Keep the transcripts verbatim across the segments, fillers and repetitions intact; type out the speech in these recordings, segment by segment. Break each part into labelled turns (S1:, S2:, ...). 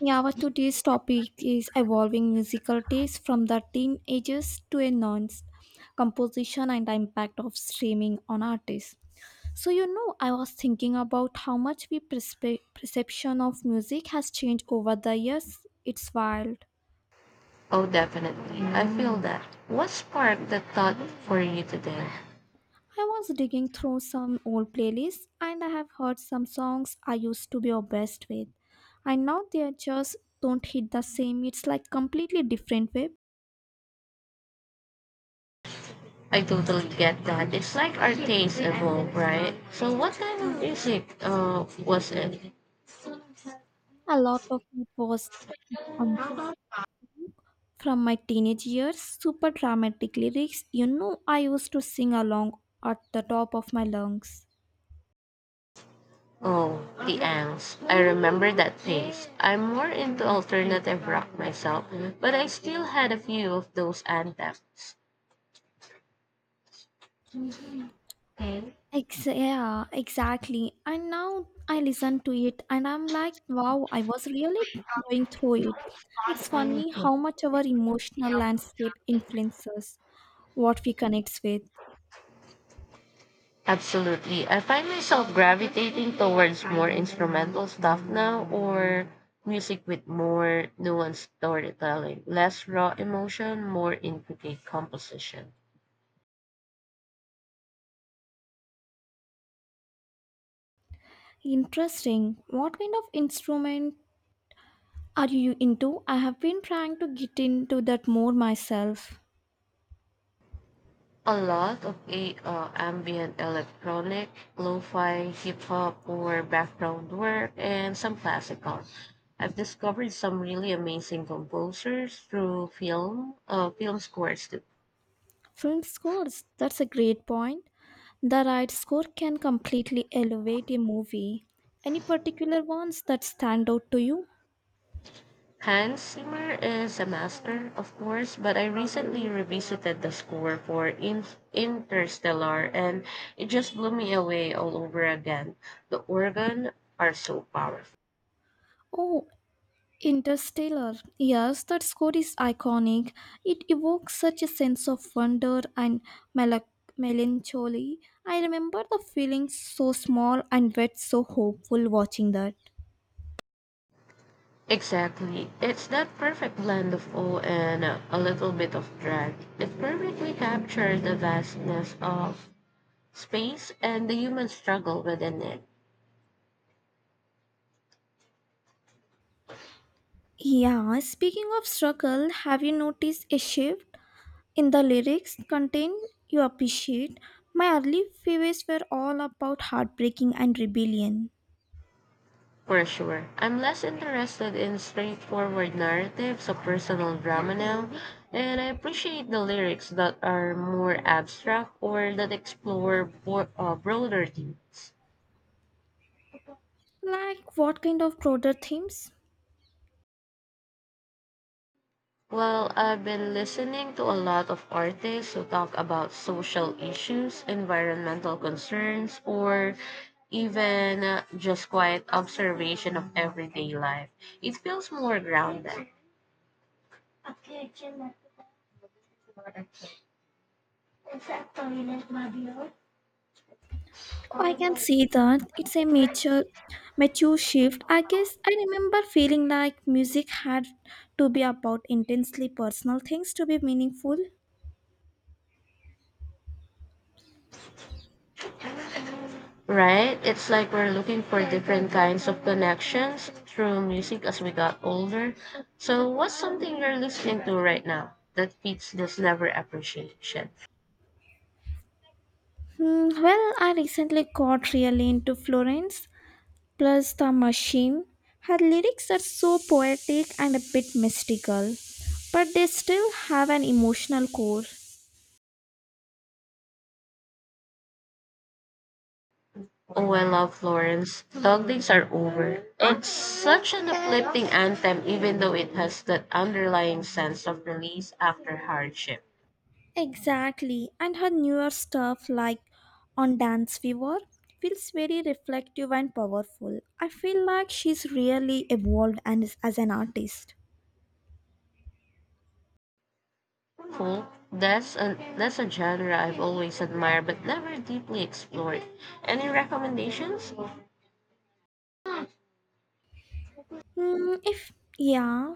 S1: Yeah, our today's topic is evolving musical taste from the teenagers to a nonce composition and the impact of streaming on artists. So, you know, I was thinking about how much we perspe- perception of music has changed over the years. It's wild.
S2: Oh, definitely. I feel that. What sparked that thought for you today?
S1: I was digging through some old playlists and I have heard some songs I used to be obsessed with. And now they just don't hit the same. It's like completely different wave.
S2: I totally get that. It's like our tastes evolve, right? So, what kind of music uh, was it?
S1: A lot of it was from my teenage years, super dramatic lyrics, you know, I used to sing along at the top of my lungs.
S2: Oh, the Ants. I remember that phase. I'm more into alternative rock myself, but I still had a few of those anthems.
S1: Ex- yeah, exactly. And now I listen to it and I'm like, wow, I was really going through it. It's funny how much our emotional landscape influences what we connect with.
S2: Absolutely. I find myself gravitating towards more instrumental stuff now or music with more nuanced storytelling, less raw emotion, more intricate composition.
S1: Interesting. What kind of instrument are you into? I have been trying to get into that more myself.
S2: A lot of a, uh, ambient electronic, lo-fi, hip-hop, or background work, and some classical. I've discovered some really amazing composers through film, uh, film scores too.
S1: Film scores, that's a great point. The right score can completely elevate a movie. Any particular ones that stand out to you?
S2: Hans Zimmer is a master, of course, but I recently revisited the score for In- Interstellar, and it just blew me away all over again. The organ are so powerful.
S1: Oh, Interstellar. Yes, that score is iconic. It evokes such a sense of wonder and melo- melancholy. I remember the feeling so small and yet so hopeful watching that.
S2: Exactly. It's that perfect blend of awe and uh, a little bit of drag. It perfectly captures the vastness of space and the human struggle within it.
S1: Yeah, speaking of struggle, have you noticed a shift in the lyrics contain you appreciate, my early favorites were all about heartbreaking and rebellion.
S2: For sure. I'm less interested in straightforward narratives of personal drama now, and I appreciate the lyrics that are more abstract or that explore bo- uh, broader themes.
S1: Like what kind of broader themes?
S2: Well, I've been listening to a lot of artists who talk about social issues, environmental concerns, or even uh, just quiet observation of everyday life. It feels more grounded. Exacto, yun is Mabio.
S1: Oh, I can see that it's a mature mature shift. I guess I remember feeling like music had to be about intensely personal things to be meaningful.
S2: Right? It's like we're looking for different kinds of connections through music as we got older. So, what's something you're listening to right now that fits this never appreciation?
S1: Hmm, well, I recently got really into Florence Plus, The Machine. Her lyrics are so poetic and a bit mystical, but they still have an emotional core.
S2: Oh, I love Florence. Dog days are over. It's such an uplifting anthem, even though it has that underlying sense of release after hardship.
S1: Exactly, and her newer stuff like on Dance Fever feels very reflective and powerful. I feel like she's really evolved and is, as an artist.
S2: Folk, that's a that's a genre I've always admired but never deeply explored. Any recommendations?
S1: Hmm, if yeah,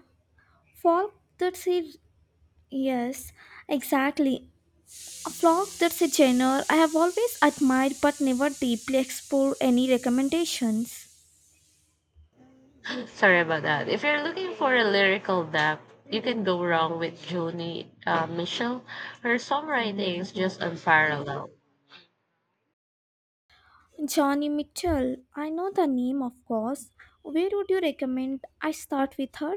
S1: folk that she yes, exactly. A vlog, that's a genre I have always admired but never deeply explored. Any recommendations?
S2: Sorry about that. If you're looking for a lyrical depth, you can go wrong with Joni uh, Mitchell. Her songwriting is just unparalleled.
S1: Johnny Mitchell, I know the name of course. Where would you recommend I start with her?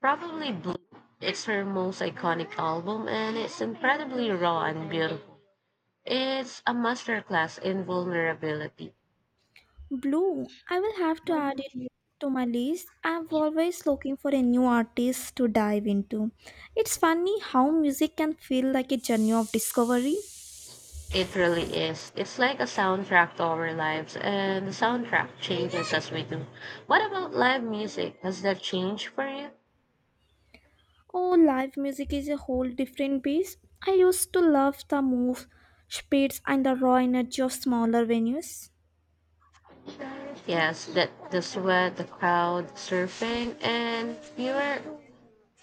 S2: Probably Blue. It's her most iconic album and it's incredibly raw and beautiful. It's a masterclass in vulnerability.
S1: Blue, I will have to add it to my list. I'm always looking for a new artist to dive into. It's funny how music can feel like a journey of discovery.
S2: It really is. It's like a soundtrack to our lives, and the soundtrack changes as we do. What about live music? Has that changed for you?
S1: Oh, live music is a whole different beast. I used to love the move, speeds, and the raw energy of smaller venues.
S2: Yes, that the sweat, the crowd, surfing, and pure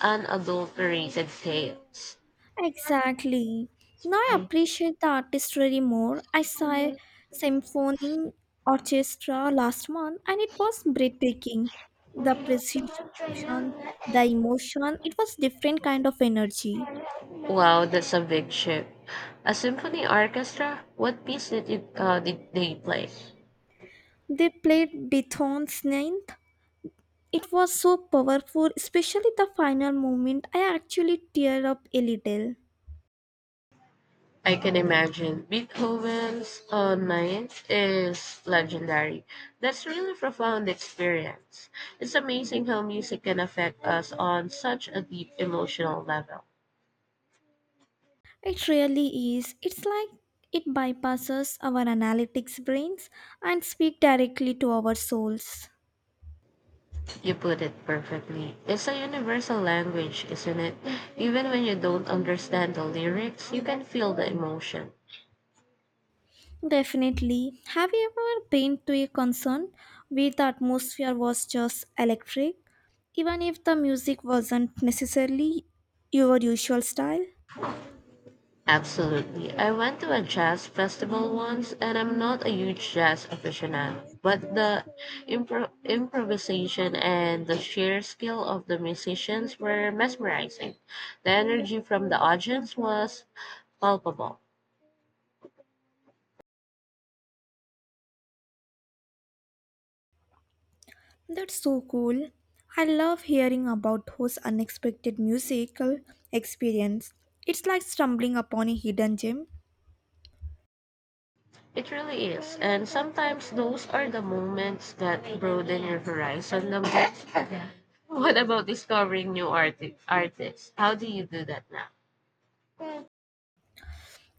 S2: unadulterated chaos.
S1: Exactly. Now I appreciate the artistry more. I saw a symphony orchestra last month and it was breathtaking. The precision, the emotion, it was different kind of energy.
S2: Wow, that's a big ship. A symphony orchestra? What piece did you uh, did they play?
S1: They played Beethoven's ninth. It was so powerful, especially the final moment. I actually teared up a little.
S2: I can imagine. Beethoven's uh, Ninth is legendary. That's really profound experience. It's amazing how music can affect us on such a deep emotional level.
S1: It really is. It's like it bypasses our analytics brains and speak directly to our souls.
S2: You put it perfectly. It's a universal language, isn't it? Even when you don't understand the lyrics, you can feel the emotion.
S1: Definitely. Have you ever been to a concert where the atmosphere was just electric, even if the music wasn't necessarily your usual style?
S2: Absolutely. I went to a jazz festival once and I'm not a huge jazz aficionado, but the impro- improvisation and the sheer skill of the musicians were mesmerizing. The energy from the audience was palpable.
S1: That's so cool. I love hearing about those unexpected musical experience. It's like stumbling upon a hidden gem.
S2: It really is. And sometimes those are the moments that broaden your horizon the most. What about discovering new arti- artists? How do you do that now?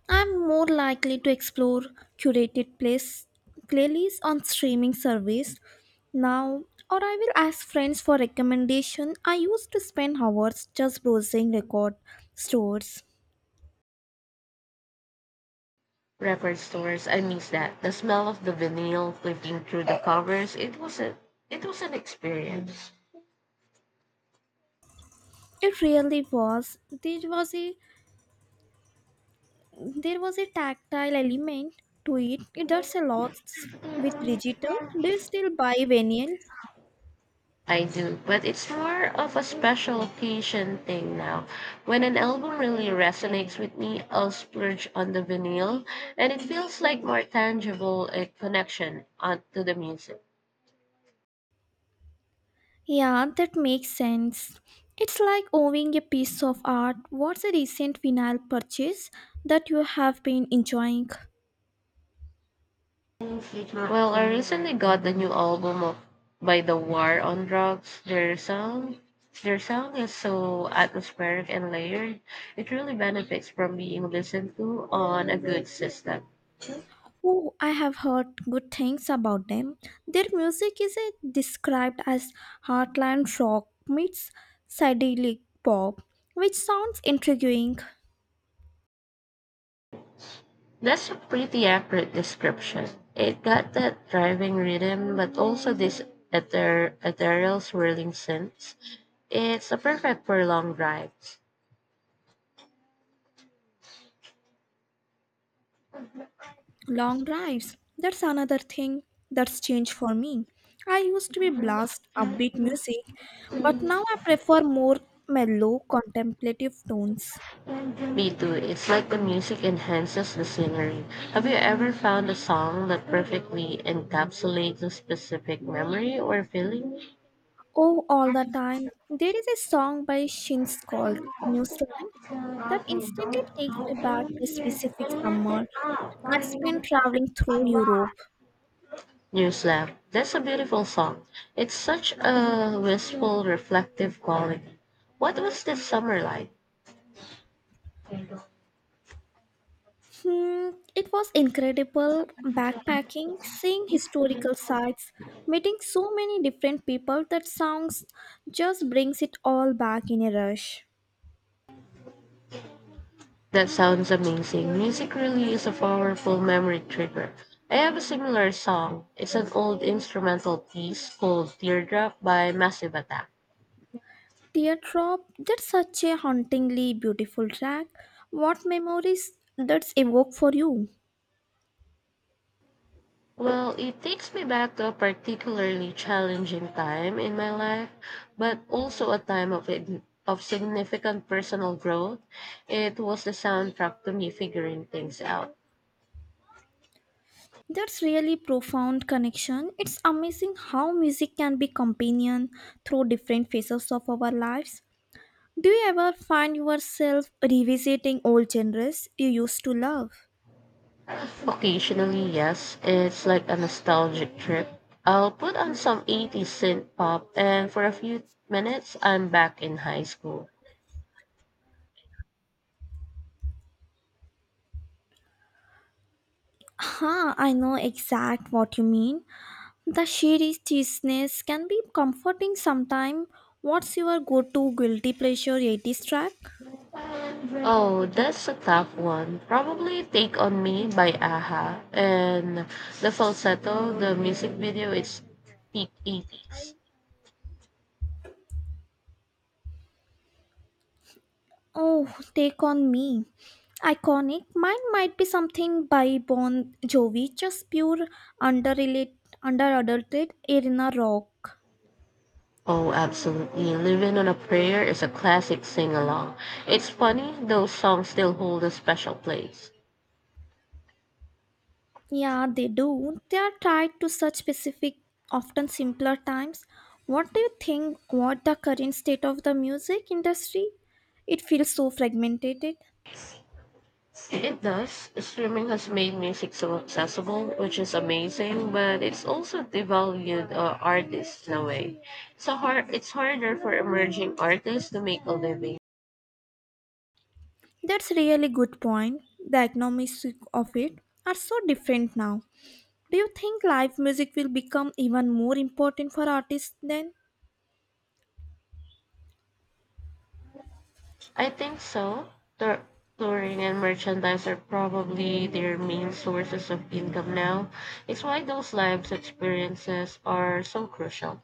S1: I'm more likely to explore curated place playlists on streaming service now, or I will ask friends for recommendation. I used to spend hours just browsing record stores.
S2: Record stores. I miss that. The smell of the vinyl flipping through the covers. It was a it was an experience.
S1: It really was. This was a there was a tactile element to it. It does a lot with digital. Do you still buy vinyl?
S2: I do, but it's more of a special occasion thing now. When an album really resonates with me, I'll splurge on the vinyl, and it feels like more tangible a connection on, to the music.
S1: Yeah, that makes sense. It's like owning a piece of art. What's a recent vinyl purchase that you have been enjoying?
S2: Well, I recently got the new album of by The War on Drugs. Their sound, their sound is so atmospheric and layered. It really benefits from being listened to on a good system.
S1: Oh, I have heard good things about them. Their music is uh, described as heartland rock meets psychedelic pop, which sounds intriguing.
S2: That's a pretty accurate description. It got that driving rhythm, but also this ether, ethereal swirling synths. It's a perfect for long drives.
S1: Long drives, that's another thing that's changed for me. I used to be blast upbeat music, but now I prefer more mellow, contemplative tones.
S2: Me too. It's like the music enhances the scenery. Have you ever found a song that perfectly encapsulates a specific memory or feeling?
S1: Oh, all the time. There is a song by Shins called New Slang that instantly takes me back to a specific summer I spent traveling through Europe.
S2: Newslap. That's a beautiful song. It's such a wistful, reflective quality. What was this summer like?
S1: Hmm, it was incredible backpacking, seeing historical sites, meeting so many different people that sounds just brings it all back in a rush.
S2: That sounds amazing. Music really is a powerful memory trigger. I have a similar song. It's an old instrumental piece called Teardrop by Massive Attack.
S1: Teardrop, that's such a hauntingly beautiful track. What memories that's evoke for you?
S2: Well, it takes me back to a particularly challenging time in my life, but also a time of ig- of significant personal growth. It was the soundtrack to me figuring things out.
S1: That's really profound connection. It's amazing how music can be companion through different phases of our lives. Do you ever find yourself revisiting old genres you used to love?
S2: Occasionally, yes, it's like a nostalgic trip. I'll put on some eighties synth pop, and for a few minutes, I'm back in high school.
S1: Huh, I know exact what you mean. The sheer cheesiness can be comforting sometime. What's your go-to guilty pleasure eighties track?
S2: Oh, that's a tough one. Probably Take On Me by A H A and The Falsetto, the music video is peak eighties.
S1: Oh, Take On Me. Iconic. Mine might be something by Bon Jovi, just pure underrated, under-adulted arena rock.
S2: Oh, absolutely. Living on a Prayer is a classic sing along. It's funny, those songs still hold a special place.
S1: Yeah, they do. They are tied to such specific, often simpler times. What do you think what the current state of the music industry? It feels so fragmented.
S2: It does. Streaming has made music so accessible, which is amazing, but it's also devalued uh, artists in a way. So hard, it's harder for emerging artists to make a living.
S1: That's really good point. The economics of it are so different now. Do you think live music will become even more important for artists then?
S2: I think so. Tour- touring and merchandise are probably their main sources of income now. It's why those live experiences are so crucial.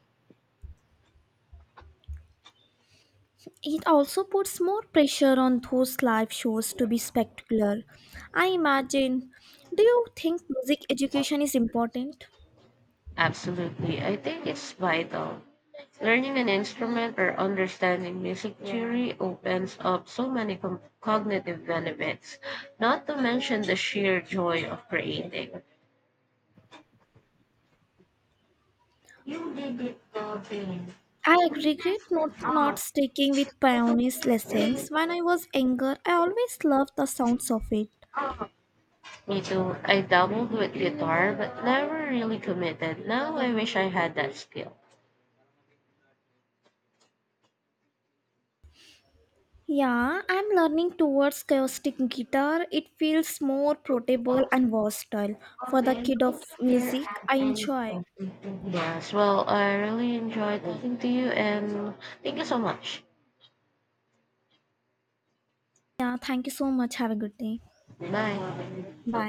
S1: It also puts more pressure on those live shows to be spectacular. I imagine. Do you think music education is important?
S2: Absolutely. I think it's vital. Learning an instrument or understanding music theory opens up so many com- cognitive benefits, not to mention the sheer joy of creating.
S1: I regret not, not sticking with pianist lessons. When I was younger, I always loved the sounds of it.
S2: Me too. I dabbled with guitar but never really committed. Now I wish I had that skill.
S1: Yeah, I'm learning towards acoustic guitar. It feels more portable and versatile for the kid of music I enjoy.
S2: Yes, well, I really enjoyed talking to you and thank you so much.
S1: Yeah, thank you so much. Have a good day.
S2: Bye.
S1: Bye.